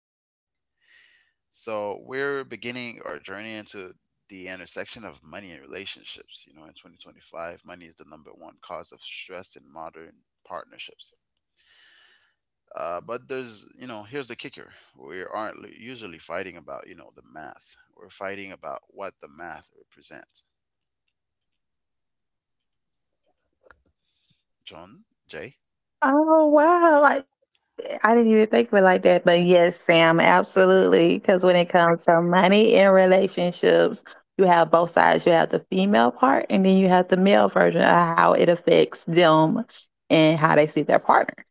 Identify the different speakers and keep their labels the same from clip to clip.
Speaker 1: is Jay. So, we're beginning our journey into the intersection of money and relationships. You know, in 2025, money is the number one cause of stress in modern partnerships. But there's, you know, here's the kicker. We aren't usually fighting about, you know, the math. We're fighting about what the math represents. John, Jay?
Speaker 2: Oh, wow. Like, I didn't even think of it like that. But yes, Sam, absolutely. Because when it comes to money in relationships, you have both sides. You have the female part, and then you have the male version of how it affects them and how they see their partner.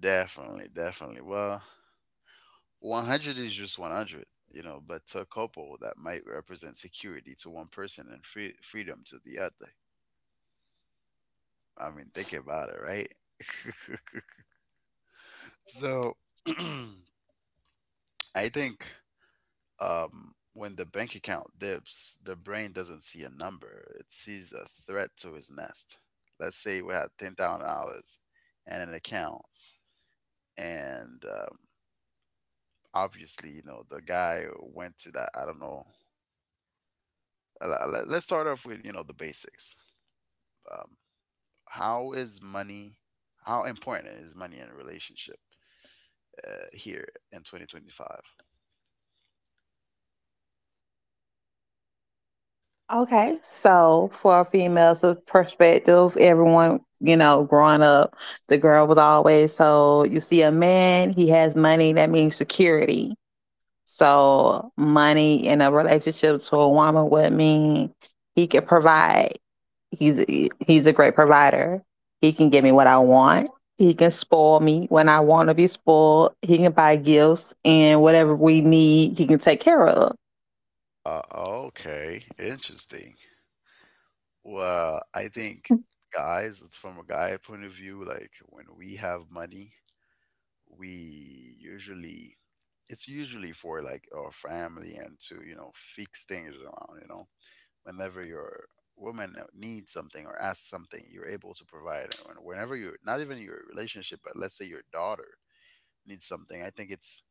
Speaker 1: Definitely, definitely. Well, 100 is just 100, you know, but to a couple that might represent security to one person and freedom to the other. I mean, think about it, right? So I think when the bank account dips, the brain doesn't see a number, it sees a threat to his nest. Let's say we had $10,000 and an account, and obviously, you know, the guy went to that, I don't know. Let's start off with, you know, the basics. um, how is money, how important is money in a relationship here in 2025?
Speaker 2: Okay. So, for a female's perspective, everyone, growing up, the girl was always so you see a man, he has money, that means security. So money in a relationship to a woman would mean he can provide. He's he's a great provider. He can give me what I want. He can spoil me when I want to be spoiled. He can buy gifts and whatever we need, he can take care of.
Speaker 1: Okay, interesting. Well, I think guys, it's from a guy point of view, like when we have money, we usually, it's usually for like our family and to, you know, fix things around, you know, whenever your woman needs something or asks something, you're able to provide it. And whenever you're not, even your relationship, but let's say your daughter needs something. I think it's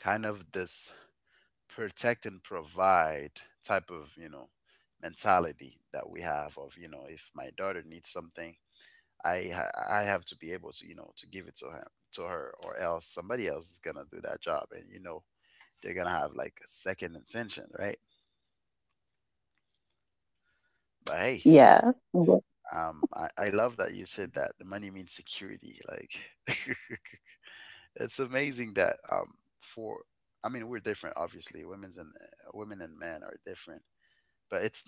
Speaker 1: kind of this protect and provide type of, you know, mentality that we have of, you know, if my daughter needs something, I have to be able to, you know, to give it to him, to her, or else somebody else is going to do that job, and you know, they're going to have like a second intention, right? But hey,
Speaker 2: Yeah.
Speaker 1: I love that you said that the money means security, like it's amazing that for, I mean, we're different, obviously, women's and women and men are different, but it's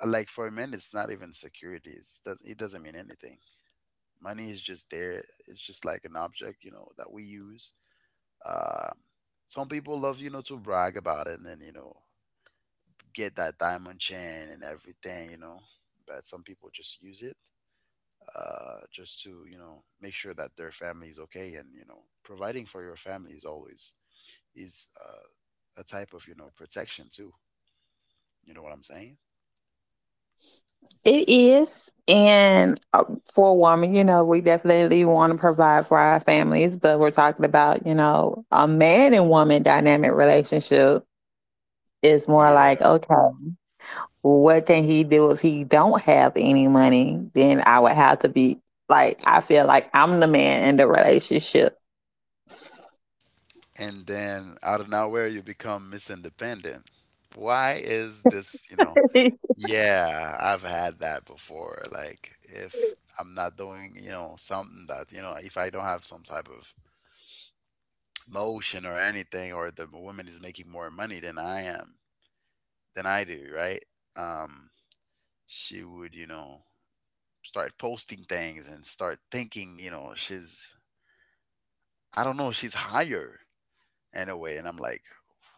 Speaker 1: like for men it's not even security, it's does it, doesn't mean anything. Money is just there, it's just like an object, you know, that we use. uh, some people love, you know, to brag about it, and then, you know, get that diamond chain and everything, you know, but some people just use it just to, you know, make sure that their family is okay, and you know, providing for your family is always is a type of, you know, protection too. You know what I'm saying?
Speaker 2: It is. And for a woman, we definitely want to provide for our families, but we're talking about, a man and woman dynamic relationship is more like,
Speaker 1: Yeah.
Speaker 2: okay, what can he do if he don't have any money? Then I would have to be like I feel like I'm the man in the relationship.
Speaker 1: And then out of nowhere, you become misindependent. Why is this? You know? Yeah, I've had that before. Like if I'm not doing, you know, something that, you know, if I don't have some type of motion or anything, or the woman is making more money than I am, than I do, right? Um, she would, you know, start posting things and start thinking, you know, she's, I don't know, she's higher in a way. And I'm like,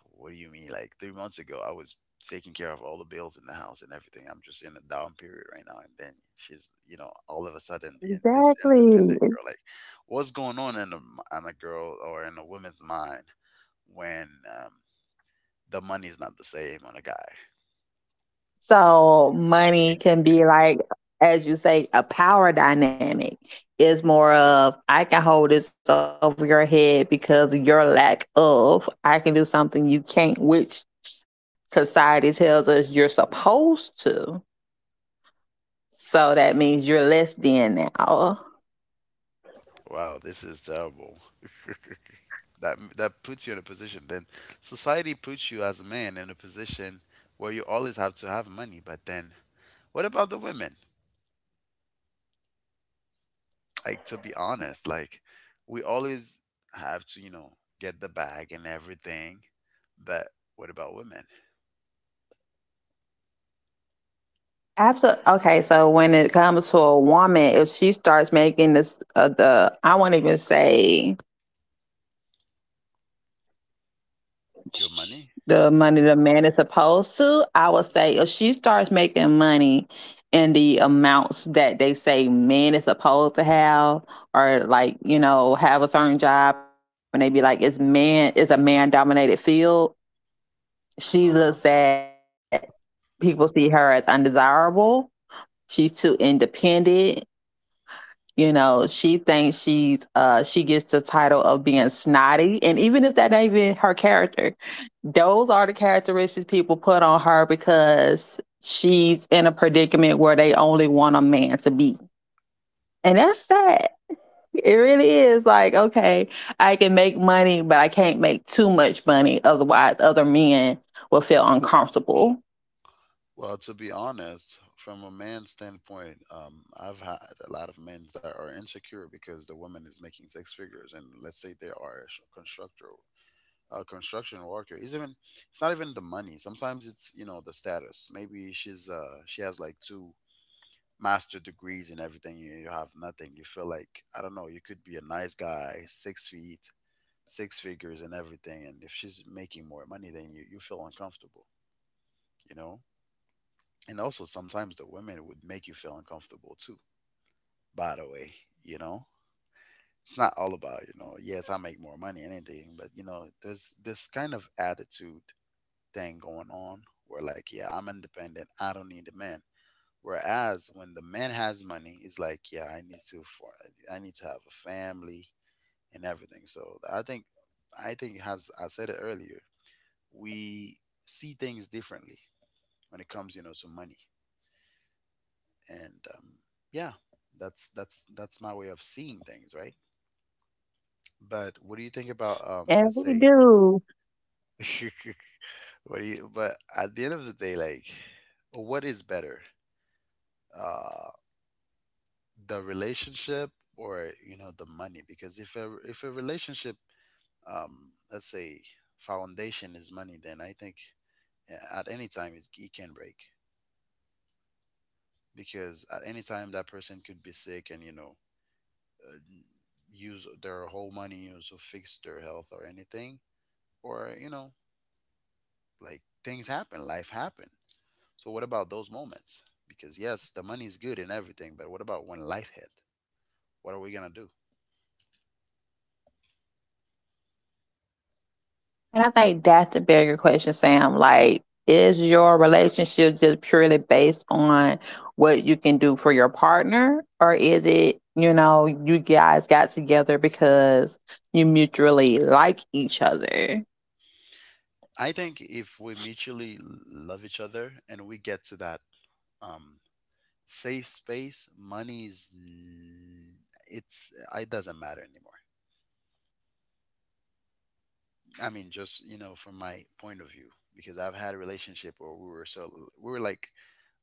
Speaker 1: what do you mean? Like 3 months ago, I was taking care of all the bills in the house and everything. I'm just in a down period right now. And then she's, you know, all of a sudden, the, this independent
Speaker 2: exactly.
Speaker 1: girl, like, what's going on in a, in a girl or in a woman's mind when the money's not the same on a guy?
Speaker 2: So money can be like as you say a power dynamic. It's more of I can hold this over your head because of your lack of I can do something you can't, which society tells us you're supposed to. So that means you're less than now.
Speaker 1: Wow, this is terrible. That that puts you in a position. Then society puts you as a man in a position where you always have to have money, but then what about the women? Like, to be honest, like, we always have to, you know, get the bag and everything. But what about women?
Speaker 2: Absolutely. Okay, so when it comes to a woman, if she starts making this, the I won't even say
Speaker 1: Good money?
Speaker 2: the money the man is supposed to. I would say if she starts making money in the amounts that they say men is supposed to have, or like have a certain job, and they be like it's a man dominated field. She looks
Speaker 1: Uh-huh.
Speaker 2: at people see her as undesirable. She's too independent. She thinks she gets the title of being snotty. And even if that ain't even her character, those are the characteristics people put on her because she's in a predicament where they only want a man to be. And that's sad. It really is like, okay, I can make money, but I can't make too much money. Otherwise, other men will feel uncomfortable.
Speaker 1: Well, to be honest, from a man's standpoint, I've had a lot of men that are insecure because the woman is making six figures, and let's say they are a constructor, a construction worker. It's even, it's not even the money. Sometimes it's, you know, the status. Maybe she's she has like two master degrees in everything. You have nothing, you feel like, I don't know, you could be a nice guy, six feet, six figures, and everything, and if she's making more money than you, you feel uncomfortable, you know. And also, sometimes the women would make you feel uncomfortable too, by the way, you know. It's not all about, you know, yes, I make more money, anything, but you know, there's this kind of attitude thing going on where like, yeah, I'm independent, I don't need a man. Whereas when the man has money, he's like, yeah, I need to for I need to have a family and everything. So I think, I think as I said it earlier, we see things differently when it comes, you know, to money. And yeah, that's my way of seeing things, right? But what do you think about let's
Speaker 2: And we
Speaker 1: say,
Speaker 2: do.
Speaker 1: what do you? But at the end of the day, like, what is better? Uh, the relationship, or you know, the money? Because if a relationship let's say foundation is money, then I think, yeah, at any time it can break, because at any time that person could be sick, and you know, uh, use their whole money, you know, to fix their health or anything, or you know, like things happen, life happen. So what about those moments? Because yes, the money is good and everything, but what about when life hit, what are we gonna do?
Speaker 2: And I think that's the bigger question, Sam. Like, is your relationship just purely based on what you can do for your partner? Or is it, you guys got together because you mutually like each other?
Speaker 1: I think if we mutually love each other and we get to that um, safe space, money's it's it doesn't matter anymore. I mean, just you know, from my point of view, because I've had a relationship where we were like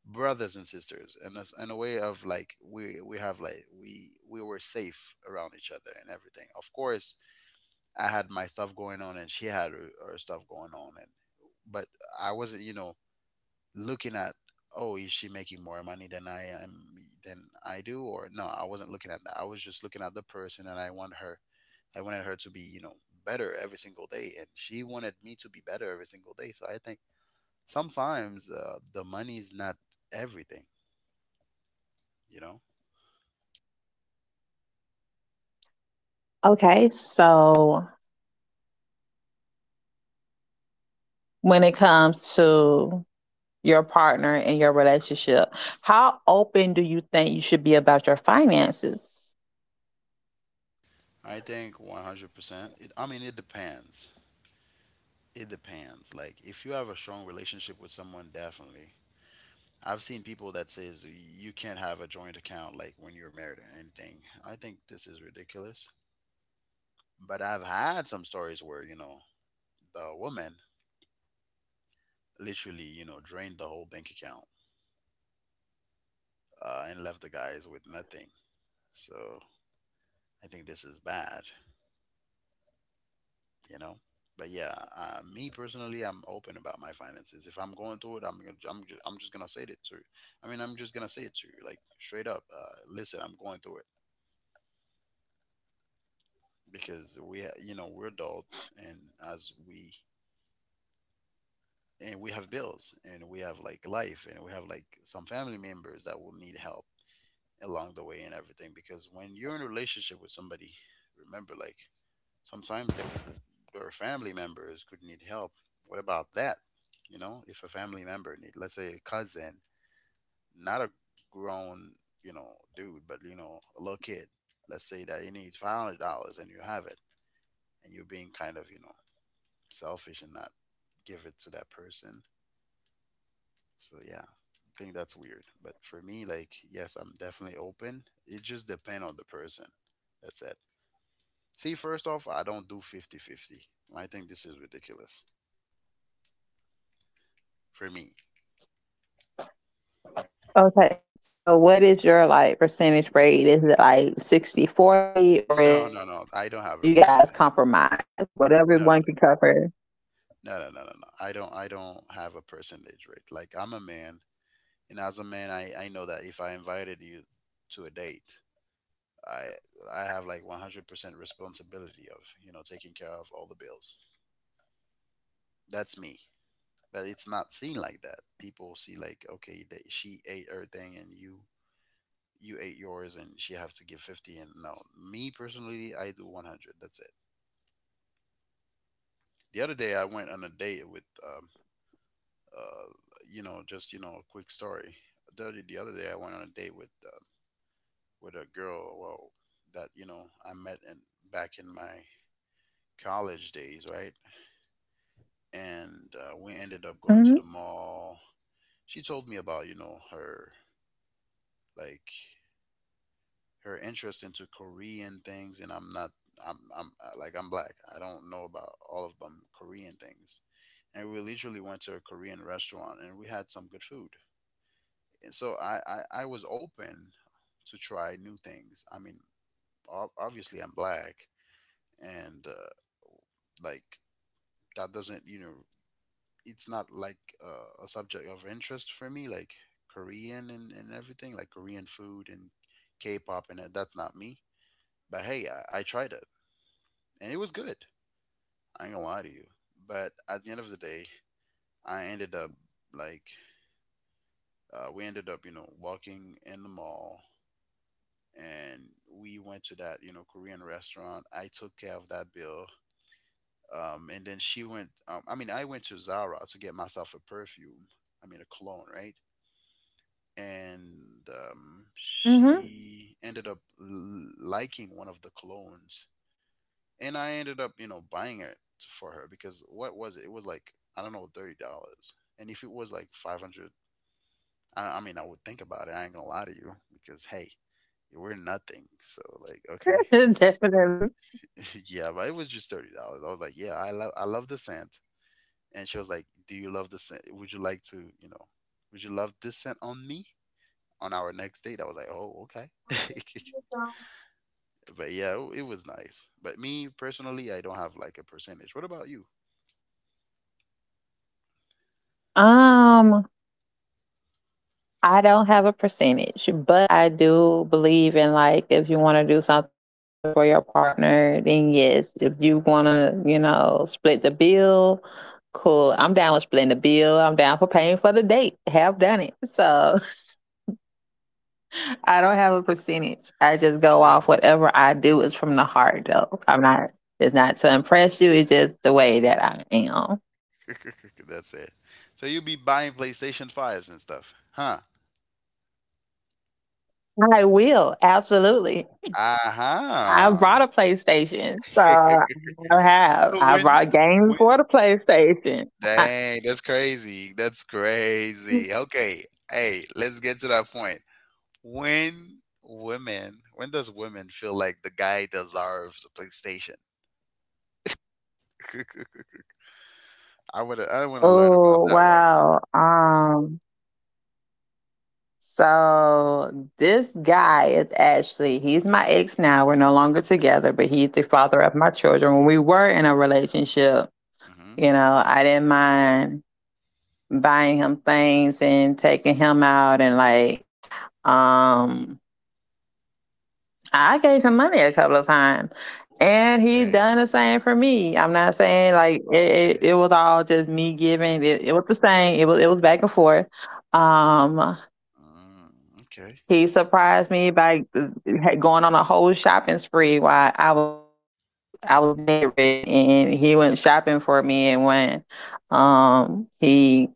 Speaker 1: brothers and sisters, and that's in a way of like we have like we were safe around each other and everything. Of course, I had my stuff going on, and she had her stuff going on, and but I wasn't, you know, looking at, oh, is she making more money than I am, than I do? Or no, I wasn't looking at that, I was just looking at the person, and I wanted her to be, you know, better every single day, and she wanted me to be better every single day. So I think sometimes the money is not everything, you know.
Speaker 2: Okay, so when it comes to your partner in your relationship, how open do you think you should be about your finances?
Speaker 1: I think 100% I mean, it depends, it depends, like if you have a strong relationship with someone, definitely. I've seen people that says you can't have a joint account like when you're married or anything. I think this is ridiculous. But I've had some stories where, you know, the woman literally, you know, drained the whole bank account and left the guys with nothing. So I think this is bad, you know. But yeah, me personally, I'm open about my finances. If I'm going through it, I'm just gonna say it to you. I mean, I'm just gonna say it to you, like straight up. Listen, I'm going through it, because we, you know, we're adult, and as we and we have bills, and we have like life, and we have like some family members that will need help along the way and everything. Because when you're in a relationship with somebody, remember, like, sometimes their family members could need help. What about that? You know, if a family member need, let's say a cousin, not a grown, you know, dude, but you know, a little kid, let's say that he needs $500, and you have it, and you're being kind of, you know, selfish and not give it to that person. So yeah, I think that's weird. But for me, like, yes, I'm definitely open. It just depends on the person. That's it. See, first off, I don't do not do 50/50. I think this is ridiculous for me.
Speaker 2: Okay. So what is your like percentage rate? Is it like 60/40, or is
Speaker 1: No,
Speaker 2: it,
Speaker 1: no, no. I
Speaker 2: you
Speaker 1: don't
Speaker 2: know,
Speaker 1: have
Speaker 2: you
Speaker 1: a
Speaker 2: guys
Speaker 1: percentage.
Speaker 2: compromise, whatever one
Speaker 1: No,
Speaker 2: can cover?
Speaker 1: no, no, no, no, no. I don't. I don't have a percentage rate. Like, I'm a man, and as a man, I know that if I invited you to a date, I I have like 100% responsibility of, you know, taking care of all the bills. That's me. But it's not seen like that. People see like, okay, they, she ate her thing, and you ate yours, and she have to give 50, and no. Me personally, I do 100. That's it. The other day I went on a date with uh you know, just you know, a quick story. The other day I went on a date with with a girl, well, that I met in back in my college days, right? And we ended up going to the
Speaker 2: Mm-hmm.
Speaker 1: mall. She told me about her like her interest into Korean things, and I'm like I'm black. I don't know about all of them Korean things, and we literally went to a Korean restaurant and we had some good food. And so I was open to try new things. I mean, obviously I'm black, and like that doesn't it's not like a subject of interest for me, like Korean and everything, like Korean food and K-pop, and that's not me. But hey, I tried it, and it was good. I ain't gonna lie to you. But at the end of the day, I ended up like we ended up, you know, walking in the mall, and we went to that, you know, Korean restaurant. I took care of that bill. And then she went. I mean, I went to Zara to get myself a perfume. I mean, a cologne, right? And
Speaker 2: Mm-hmm.
Speaker 1: she ended up liking one of the colognes, and I ended up buying it for her because what was it, it was like I don't know, $30. And if it was like 500, I mean I would think about it. I ain't gonna lie to you, because hey, we're nothing, so like okay.
Speaker 2: Definitely.
Speaker 1: Yeah, but it was just $30. I was like, yeah, I love the scent. And she was like, do you love the scent, would you like to, you know, would you love this scent on me on our next date? I was like, oh, okay. But yeah, it was nice. But me personally, I don't have like a percentage. What about you?
Speaker 2: Um, I don't have a percentage, but I do believe in like if you want to do something for your partner, then yes. If you want to, split the bill, cool. I'm down with splitting the bill. I'm down for paying for the date. Have done it. So I don't have a percentage. I just go off whatever I do is from the heart, though. I'm not. It's not to impress you. It's just the way that I am.
Speaker 1: That's it. So you be buying PlayStation 5s and stuff, huh?
Speaker 2: I will absolutely. I
Speaker 1: Uh-huh.
Speaker 2: brought a PlayStation. So I have.
Speaker 1: So
Speaker 2: I
Speaker 1: when
Speaker 2: brought games
Speaker 1: when
Speaker 2: for the PlayStation. I-
Speaker 1: dang, that's crazy. That's crazy. Okay. Hey, let's get to that point. When does women feel like the guy deserves a PlayStation? I wanna learn about
Speaker 2: oh,
Speaker 1: that one.
Speaker 2: wow. So this guy is actually he's my ex now. We're no longer together, but he's the father of my children. When we were in a relationship,
Speaker 1: Hmm.
Speaker 2: you know, I didn't mind buying him things and taking him out and like um I gave him money a couple of times, and he
Speaker 1: Hey,
Speaker 2: done the same for me. I'm not saying like it
Speaker 1: okay.
Speaker 2: was all just me giving. It was the same. It was back and forth. Um,
Speaker 1: Mm, okay.
Speaker 2: he surprised me by going on a whole shopping spree while I was bedridden, and he went shopping for me. And when he,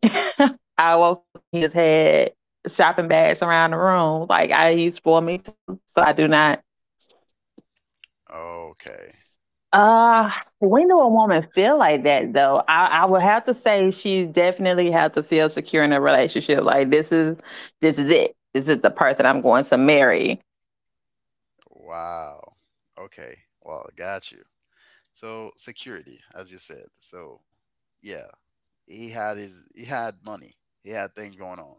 Speaker 2: I woke up and he just had shopping bags around the room. Like he spoiled me too. So I do not.
Speaker 1: Okay.
Speaker 2: Uh, when do a woman feel like that though? I would have to say she definitely had to feel secure in a relationship. Like this is it. This is the person I'm going to marry.
Speaker 1: Wow. Okay. Well, I got you. So security, as you said. So yeah, he had money. He had things going on.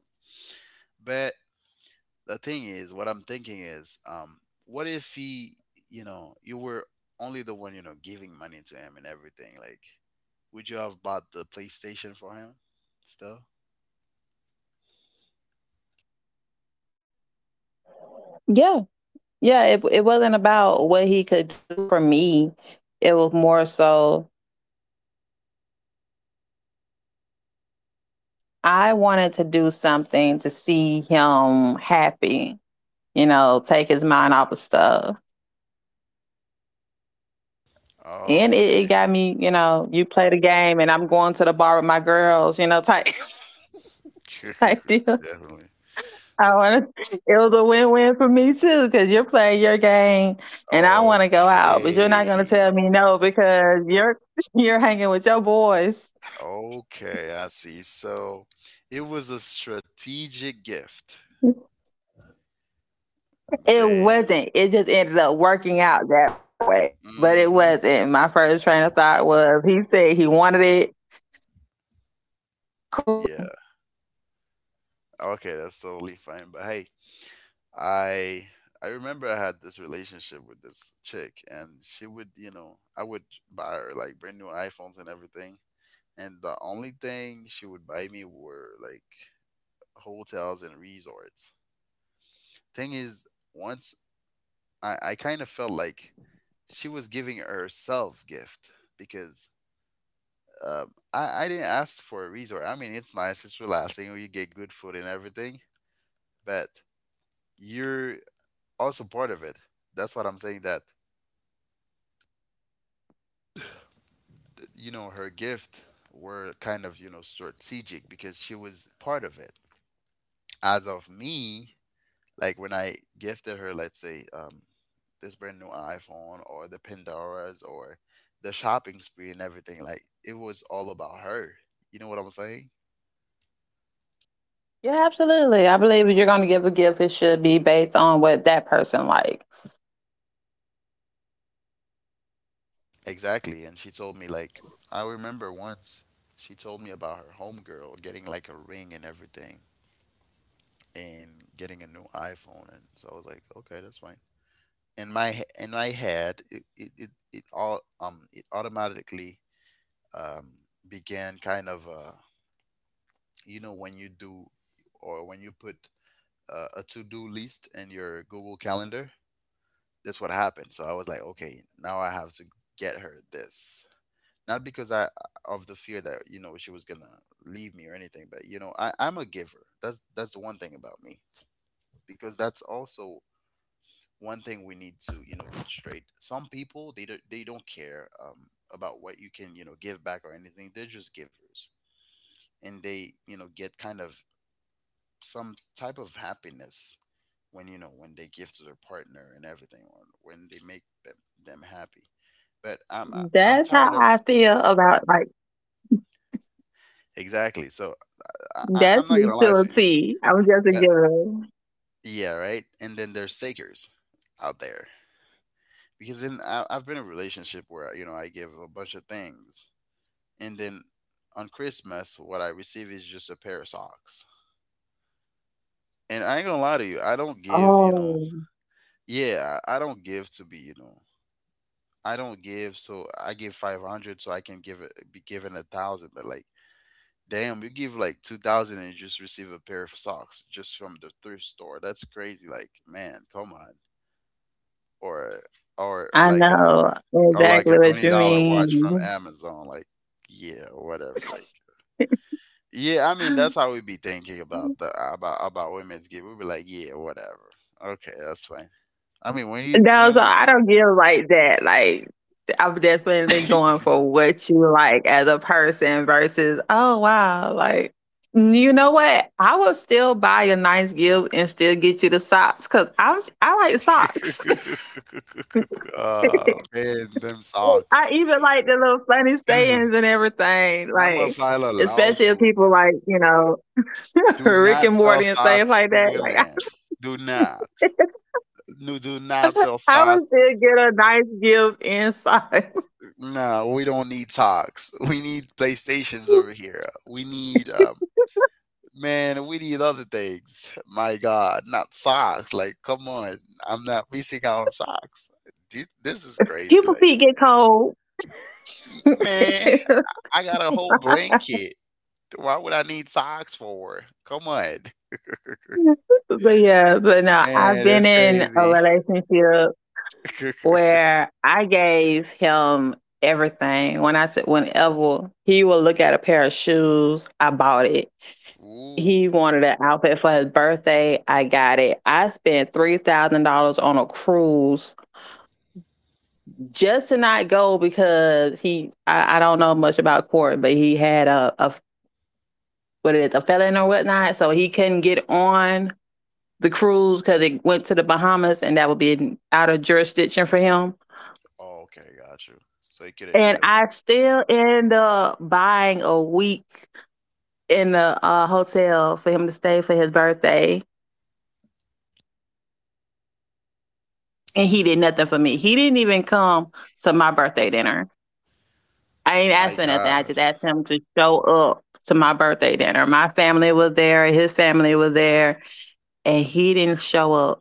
Speaker 1: But the thing is, what I'm thinking is, what if he, you know, you were only the one, you know, giving money to him and everything? Like, would you have bought the PlayStation for him still?
Speaker 2: Yeah. Yeah. It wasn't about what he could do for me. It was more so I wanted to do something to see him happy, take his mind off of stuff. And
Speaker 1: Oh,
Speaker 2: it
Speaker 1: okay.
Speaker 2: got me, you play the game and I'm going to the bar with my girls, type type deal.
Speaker 1: Definitely.
Speaker 2: I want to. It was a win-win for me too, because you're playing your game, and I want to go out, but you're
Speaker 1: Okay.
Speaker 2: not going to tell me no because you're you're hanging with your boys.
Speaker 1: Okay, I see. So it was a strategic gift.
Speaker 2: It
Speaker 1: Damn.
Speaker 2: wasn't. It just ended up working out that way, but it
Speaker 1: Mm-hmm.
Speaker 2: wasn't. My first train of thought was he said he wanted it. Cool.
Speaker 1: Yeah. Okay, that's totally fine. But hey, I I remember I had this relationship with this chick, and she would, you know, I would buy her like brand new iPhones and everything. And the only thing she would buy me were like hotels and resorts. Thing is, once I kind of felt like she was giving herself gift because Uh, I didn't ask for a resort. I mean, it's nice, it's relaxing, you get good food and everything, but you're also part of it. That's what I'm saying. That You know, her gift were kind of strategic because she was part of it. As of me, like when I gifted her, let's say, this brand new iPhone or the Pandoras or the shopping spree and everything, like it was all about her. You know what I'm saying?
Speaker 2: Yeah, absolutely. I believe if you're going to give a gift, it should be based on what that person likes.
Speaker 1: Exactly. And she told me, like, I remember once she told me about her homegirl getting like a ring and everything and getting a new iPhone. And so I was like, okay, that's fine. In my head, it all, it automatically, um, began kind of, you know, when you do or when you put a to do list in your Google Calendar, that's what happened. So I was like, okay, now I have to get her this. Not because I of the fear that she was gonna leave me or anything, but you know I'm a giver. That's the one thing about me, because that's also one thing we need to, you know, get straight. Some people they don't care about what you can, you know, give back or anything. They're just givers, and they, you know, get kind of some type of happiness when, you know, when they give to their partner and everything, or when they make them happy. But
Speaker 2: That's how
Speaker 1: I'm
Speaker 2: I
Speaker 1: tired of
Speaker 2: feel about like
Speaker 1: exactly. So
Speaker 2: that's
Speaker 1: I'm not
Speaker 2: me
Speaker 1: gonna
Speaker 2: to
Speaker 1: lie
Speaker 2: a
Speaker 1: to you.
Speaker 2: T. I'm just a
Speaker 1: But
Speaker 2: giver.
Speaker 1: yeah, right. And then there's takers out there, because then I, I've been in a relationship where you know I give a bunch of things, and then on Christmas what I receive is just a pair of socks. And I ain't gonna lie to you, I don't give. You know,
Speaker 2: Oh,
Speaker 1: yeah, I don't give to be. You know, I don't give. So I give 500 so I can give it be given a thousand. But like, damn, you give like 2,000 and you just receive a pair of socks just from the thrift store. That's crazy. Like, man, come on. Or or
Speaker 2: I
Speaker 1: like a
Speaker 2: know
Speaker 1: or like a
Speaker 2: exactly what
Speaker 1: twenty
Speaker 2: you
Speaker 1: dollar watch from
Speaker 2: mean.
Speaker 1: Amazon. Like, yeah, or whatever. Like, yeah, I mean that's how we be thinking about the about women's gear. We be like, yeah, whatever. Okay, that's fine. I mean
Speaker 2: No,
Speaker 1: when
Speaker 2: so
Speaker 1: we
Speaker 2: I don't give like that. Like I'm definitely going for what you like as a person versus oh wow, like you know what? I will still buy a nice gift and still get you the socks because I like socks.
Speaker 1: oh man, them
Speaker 2: I
Speaker 1: socks.
Speaker 2: even like the little funny sayings and everything,
Speaker 1: I'ma
Speaker 2: like
Speaker 1: file a
Speaker 2: especially if
Speaker 1: lawsuit.
Speaker 2: people like
Speaker 1: Do
Speaker 2: Rick
Speaker 1: not
Speaker 2: and
Speaker 1: sell
Speaker 2: Morty and things
Speaker 1: socks
Speaker 2: like
Speaker 1: to
Speaker 2: that. Like
Speaker 1: women. Do not.
Speaker 2: I,
Speaker 1: No, do not sell
Speaker 2: I
Speaker 1: socks.
Speaker 2: would still get a nice gift inside.
Speaker 1: No, we don't need socks. We need PlayStations over here. We need man, we need other things. My God, not socks. Like, come on. I'm not missing out on socks. This is crazy.
Speaker 2: People
Speaker 1: Like,
Speaker 2: feet get cold.
Speaker 1: man,
Speaker 2: But
Speaker 1: I got a whole blanket. Why would I need socks for? Come on.
Speaker 2: yeah, but no, I've
Speaker 1: Man,
Speaker 2: been
Speaker 1: that's
Speaker 2: in a
Speaker 1: crazy.
Speaker 2: relationship where I gave him everything. When I said whenever he would look at a pair of shoes, I bought it. He
Speaker 1: Ooh.
Speaker 2: wanted an outfit for his birthday. I got it. I spent $3,000 on a cruise just to not go. Because he. I don't know much about court, but he had a what it is a felon or whatnot, so he couldn't get on the cruise because it went to the Bahamas, and that would be out of jurisdiction for him.
Speaker 1: Oh, okay, got you. So you couldn't, you
Speaker 2: And
Speaker 1: know.
Speaker 2: I still end up buying a week in the hotel for him to stay for his birthday, and he did nothing for me. He didn't even come to my birthday dinner. I ain't
Speaker 1: My
Speaker 2: asked for nothing. I
Speaker 1: God.
Speaker 2: just asked him to show up to my birthday dinner. My family was there, his family was there, and he didn't show up.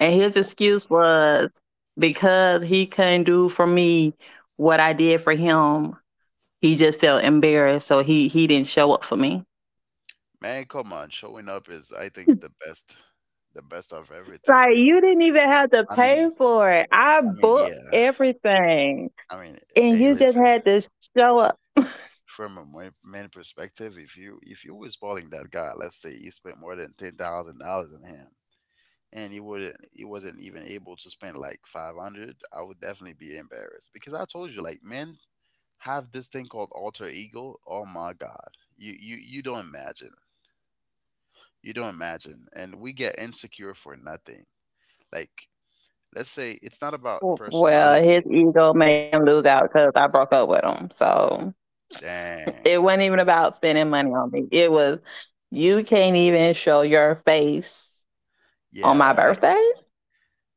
Speaker 2: And his
Speaker 1: Wh-
Speaker 2: excuse was because he couldn't do for me what I did for him, he just felt embarrassed. So he didn't show up for me.
Speaker 1: Man, come on. Showing up is, I think, the best of everything,
Speaker 2: Like you
Speaker 1: maybe.
Speaker 2: didn't even have to
Speaker 1: I mean,
Speaker 2: pay for it. I
Speaker 1: I mean, yeah.
Speaker 2: booked everything.
Speaker 1: I mean,
Speaker 2: And
Speaker 1: hey,
Speaker 2: you just
Speaker 1: listen.
Speaker 2: had to show up.
Speaker 1: From a money perspective, if you was balling that guy, let's say you spent more than $10,000 on him, and he wouldn't, he wasn't even able to spend like 500, I would definitely be embarrassed, because I told you, like men have this thing called alter ego. Oh my god, you don't imagine, and we get insecure for nothing. Like let's say it's not about
Speaker 2: Well, his
Speaker 1: personality.
Speaker 2: ego made him lose out because I broke up with him. So
Speaker 1: Dang,
Speaker 2: it wasn't even about spending money on me. It was, you can't even show your face on
Speaker 1: yeah,
Speaker 2: my
Speaker 1: right.
Speaker 2: birthday?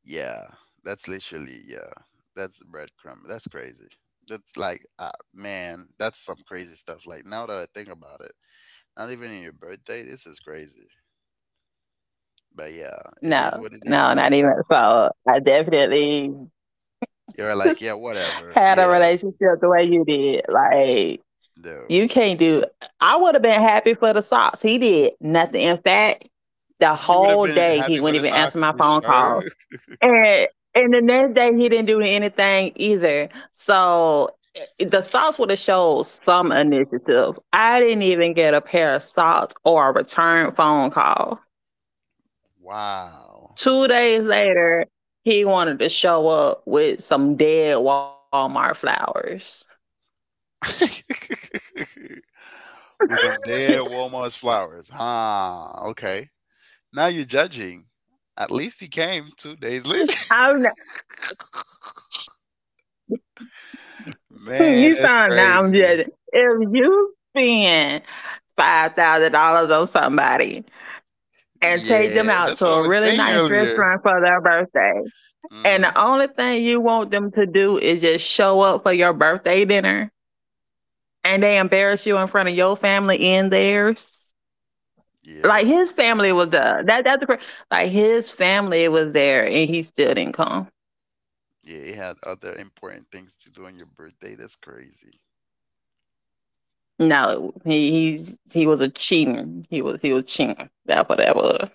Speaker 1: Yeah, that's literally yeah. That's breadcrumb. That's crazy. That's like man, that's some crazy stuff. Like now that I think about it, not even in your birthday, this is crazy. But yeah, it is
Speaker 2: No,
Speaker 1: what it is.
Speaker 2: no,
Speaker 1: Like
Speaker 2: not even.
Speaker 1: that's
Speaker 2: So I definitely
Speaker 1: you're like yeah, whatever.
Speaker 2: had a
Speaker 1: Yeah,
Speaker 2: relationship the way you did. Like
Speaker 1: no.
Speaker 2: you can't do. I would have been happy for the socks. He did nothing. In fact, the
Speaker 1: You would have
Speaker 2: whole
Speaker 1: been
Speaker 2: day he
Speaker 1: happy
Speaker 2: wouldn't
Speaker 1: for the
Speaker 2: even answer
Speaker 1: socks,
Speaker 2: my
Speaker 1: you
Speaker 2: phone calls.
Speaker 1: sure?
Speaker 2: And and the next day he didn't do anything either. So the salts would have showed some initiative. I didn't even get a pair of salts or a return phone call.
Speaker 1: Wow.
Speaker 2: 2 days later, he wanted to show up with some dead Walmart flowers.
Speaker 1: With some dead Walmart's flowers, huh? Okay. Now you're judging. At least he came 2 days later.
Speaker 2: I'm not,
Speaker 1: Man,
Speaker 2: you
Speaker 1: that's
Speaker 2: sound now I'm
Speaker 1: crazy.
Speaker 2: just if you spend $5,000 on somebody and take them
Speaker 1: Yeah,
Speaker 2: out
Speaker 1: that's
Speaker 2: to
Speaker 1: what I
Speaker 2: a
Speaker 1: was
Speaker 2: really
Speaker 1: saying
Speaker 2: nice
Speaker 1: earlier.
Speaker 2: restaurant for their birthday. And
Speaker 1: Hmm.
Speaker 2: the only thing you want them to do is just show up for your birthday dinner and they embarrass you in front of your family and theirs. Like
Speaker 1: Yeah.
Speaker 2: his family was the that's the like his family was there and he still didn't come.
Speaker 1: Yeah, it had other important things to do on your birthday. That's crazy.
Speaker 2: No, he was a cheater. He was cheating. That's what that was.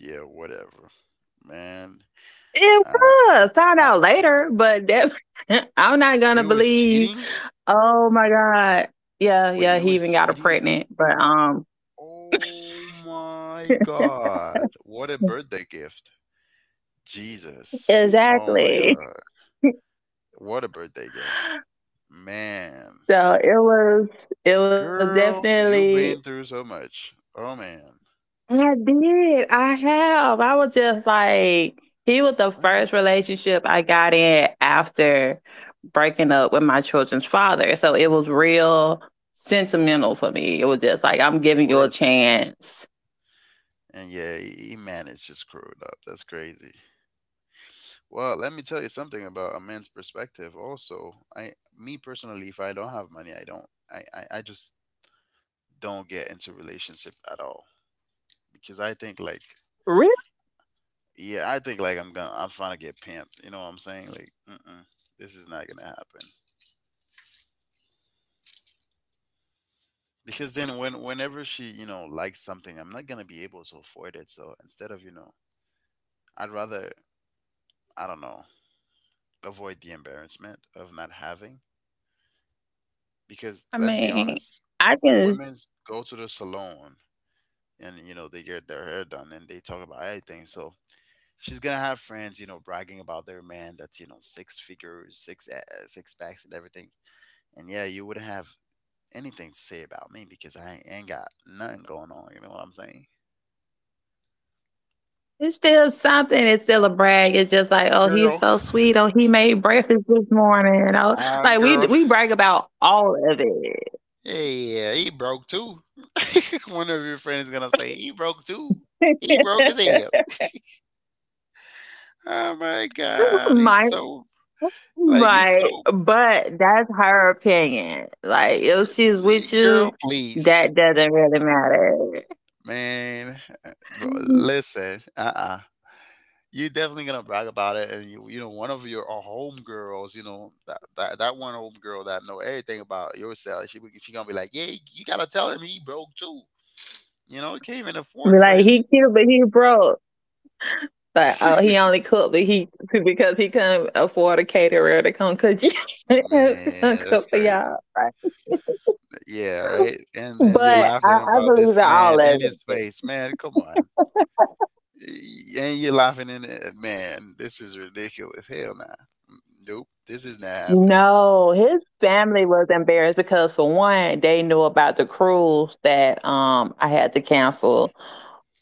Speaker 1: Yeah, whatever. Man,
Speaker 2: It
Speaker 1: uh,
Speaker 2: was found
Speaker 1: I,
Speaker 2: out later, but that I'm not gonna
Speaker 1: it was
Speaker 2: believe.
Speaker 1: cheating?
Speaker 2: Oh my god. Yeah,
Speaker 1: Wait,
Speaker 2: yeah,
Speaker 1: it
Speaker 2: he
Speaker 1: was
Speaker 2: even got her
Speaker 1: cheating?
Speaker 2: pregnant. But
Speaker 1: Oh my God. What a birthday gift. Jesus. Oh my
Speaker 2: exactly.
Speaker 1: God. What a birthday gift. Man.
Speaker 2: So it was
Speaker 1: Girl, you've
Speaker 2: definitely
Speaker 1: been through so much. Oh man.
Speaker 2: I did. I have. I was just like he was the
Speaker 1: What?
Speaker 2: first relationship I got in after breaking up with my children's father. So it was real sentimental for me. It was just like I'm giving you a
Speaker 1: Worse.
Speaker 2: chance.
Speaker 1: And yeah, he managed to screw it up. That's crazy. Well, let me tell you something about a man's perspective. Also, I, me personally, if I don't have money, I don't, I just don't get into relationship at all, because I think like,
Speaker 2: Really?
Speaker 1: yeah, I think like I'm trying to get pimped. You know what I'm saying? Like, mm-mm, this is not gonna happen. Because then when, whenever she, you know, likes something, I'm not gonna be able to afford it. So instead of, you know, I'd rather, I don't know, avoid the embarrassment of not having, because
Speaker 2: I
Speaker 1: let's be
Speaker 2: mean,
Speaker 1: honest,
Speaker 2: I can
Speaker 1: women's go to the salon and you know they get their hair done and they talk about everything. So she's gonna have friends, you know, bragging about their man that's you know six figures, six packs, and everything. And yeah, you wouldn't have anything to say about me because I ain't got nothing going on. You know what I'm saying?
Speaker 2: it's still something, it's still a brag. It's just like, oh, he's so
Speaker 1: Girl,
Speaker 2: sweet. Oh, he made breakfast this morning. Oh, like we
Speaker 1: ah,
Speaker 2: we
Speaker 1: girl.
Speaker 2: brag about all of it.
Speaker 1: Hey, yeah, he broke too. One of your friends gonna say he broke too. He broke his head. Oh my god, he's
Speaker 2: my
Speaker 1: so like he's
Speaker 2: my
Speaker 1: so
Speaker 2: but that's her opinion. Like if she's with
Speaker 1: girl,
Speaker 2: you,
Speaker 1: please,
Speaker 2: that doesn't really matter.
Speaker 1: man. Bro, listen, uh-uh. You're definitely gonna brag about it, and you know, one of your home girls, you know, that one home girl that know everything about yourself, she gonna be like, yeah, you gotta tell him he broke too. You know, he can't even
Speaker 2: Be
Speaker 1: afford for
Speaker 2: like
Speaker 1: his.
Speaker 2: he cute but he broke. Like oh he only cooked but he because he couldn't afford a caterer to come cook you come
Speaker 1: Man, that's
Speaker 2: cook for
Speaker 1: crazy.
Speaker 2: y'all. Like,
Speaker 1: Yeah, right. And then
Speaker 2: but
Speaker 1: you're
Speaker 2: I,
Speaker 1: laughing
Speaker 2: I
Speaker 1: about
Speaker 2: believe
Speaker 1: this
Speaker 2: in
Speaker 1: man
Speaker 2: all
Speaker 1: and
Speaker 2: of
Speaker 1: his
Speaker 2: it.
Speaker 1: face. Man, come on. And you're laughing in it. Man, this is ridiculous. Hell nah. Mm, nope. This is not happening.
Speaker 2: No, his family was embarrassed because for one, they knew about the cruise that I had to cancel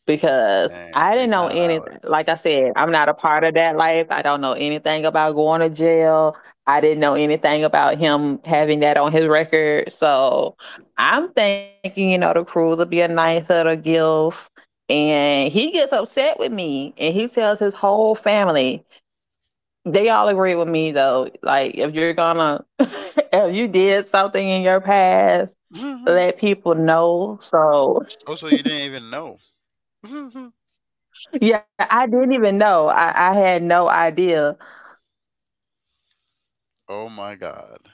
Speaker 2: because I
Speaker 1: Man,
Speaker 2: didn't
Speaker 1: three
Speaker 2: know
Speaker 1: thousand
Speaker 2: anything.
Speaker 1: dollars.
Speaker 2: Like I said, I'm not a part of that life. I don't know anything about going to jail. I didn't know anything about him having that on his record. So I'm thinking, the cruise would be a nice little gift. And he gets upset with me and he tells his whole family they all agree with me though. Like if you're gonna if you did something in your past,
Speaker 1: Mhm.
Speaker 2: let people know. So
Speaker 1: Oh, so you didn't even know. Mhm.
Speaker 2: yeah, I didn't even know. I had no idea.
Speaker 1: Oh my god.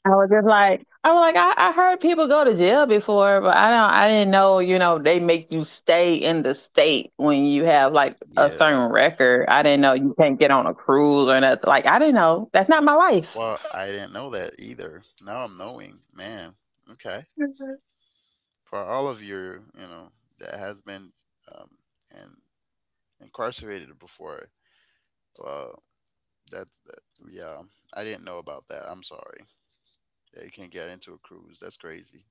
Speaker 2: I was just like I was like, I heard people go to jail before, but I didn't know, they make you stay in the state when you have like a
Speaker 1: Yeah.
Speaker 2: certain record. I didn't know you can't get on a cruise or nothing. Like I didn't know. That's not my life.
Speaker 1: Well, I didn't know that either. Now I'm knowing. Man. Okay. For all of your, you know, that has been um and incarcerated before. Well, that's that yeah. I didn't know about that. I'm sorry. That you can't get into a cruise. That's crazy.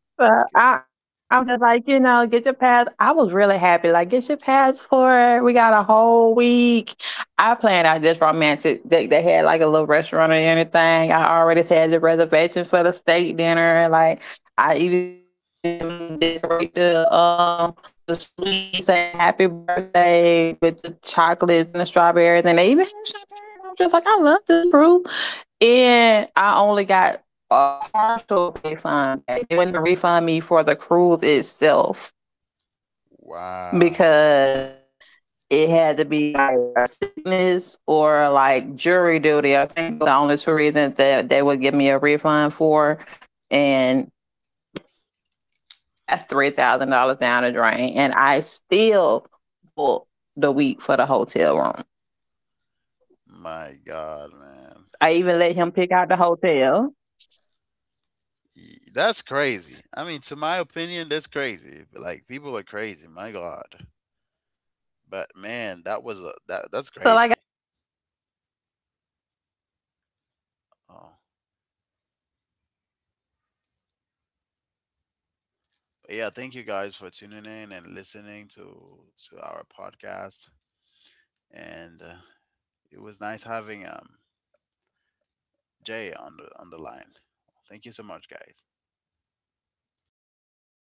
Speaker 2: Well, I'm just like, get your pass. I was really happy. Like, get your passport. We got a whole week. I planned out this romantic. They had like a little restaurant or anything. I already had the reservation for the steak dinner. Like, I even had them decorate the suite saying happy birthday with the chocolates and the strawberries, and they even had champagne. And I was just like, I love this crew. And I only got a partial refund back. They wouldn't even refund me for the cruise itself
Speaker 1: Wow.
Speaker 2: because it had to be like a sickness or like jury duty. I think that was the only two reasons that they would give me a refund for. And so that's $3,000 down the drain. And I still booked the week for the hotel room.
Speaker 1: My God, man.
Speaker 2: I even let him pick out the hotel.
Speaker 1: That's crazy. I mean, to my opinion, that's crazy. Like people are crazy. My God. But man, that was a that's
Speaker 2: So like I
Speaker 1: crazy.
Speaker 2: said, like I don't I I'm not
Speaker 1: Oh.
Speaker 2: one to, like I when I do stuff for people, it's really from the heart. And the
Speaker 1: But
Speaker 2: cruise
Speaker 1: yeah,
Speaker 2: was
Speaker 1: thank you
Speaker 2: because
Speaker 1: guys
Speaker 2: I
Speaker 1: for
Speaker 2: never been
Speaker 1: tuning
Speaker 2: on a
Speaker 1: in
Speaker 2: cruise
Speaker 1: and
Speaker 2: before, and
Speaker 1: listening
Speaker 2: we already had
Speaker 1: to
Speaker 2: that
Speaker 1: our
Speaker 2: discussion, me and him, and
Speaker 1: podcast.
Speaker 2: he was just like, "Well, he never went
Speaker 1: And
Speaker 2: either," and
Speaker 1: it
Speaker 2: his
Speaker 1: was
Speaker 2: birthday
Speaker 1: nice
Speaker 2: was coming
Speaker 1: having
Speaker 2: up, and I was like, "That would be a nice surprise and a
Speaker 1: Jay
Speaker 2: good
Speaker 1: on
Speaker 2: first
Speaker 1: the line.
Speaker 2: experience for the both
Speaker 1: Thank
Speaker 2: of
Speaker 1: you so much,
Speaker 2: us."
Speaker 1: guys.
Speaker 2: Nope,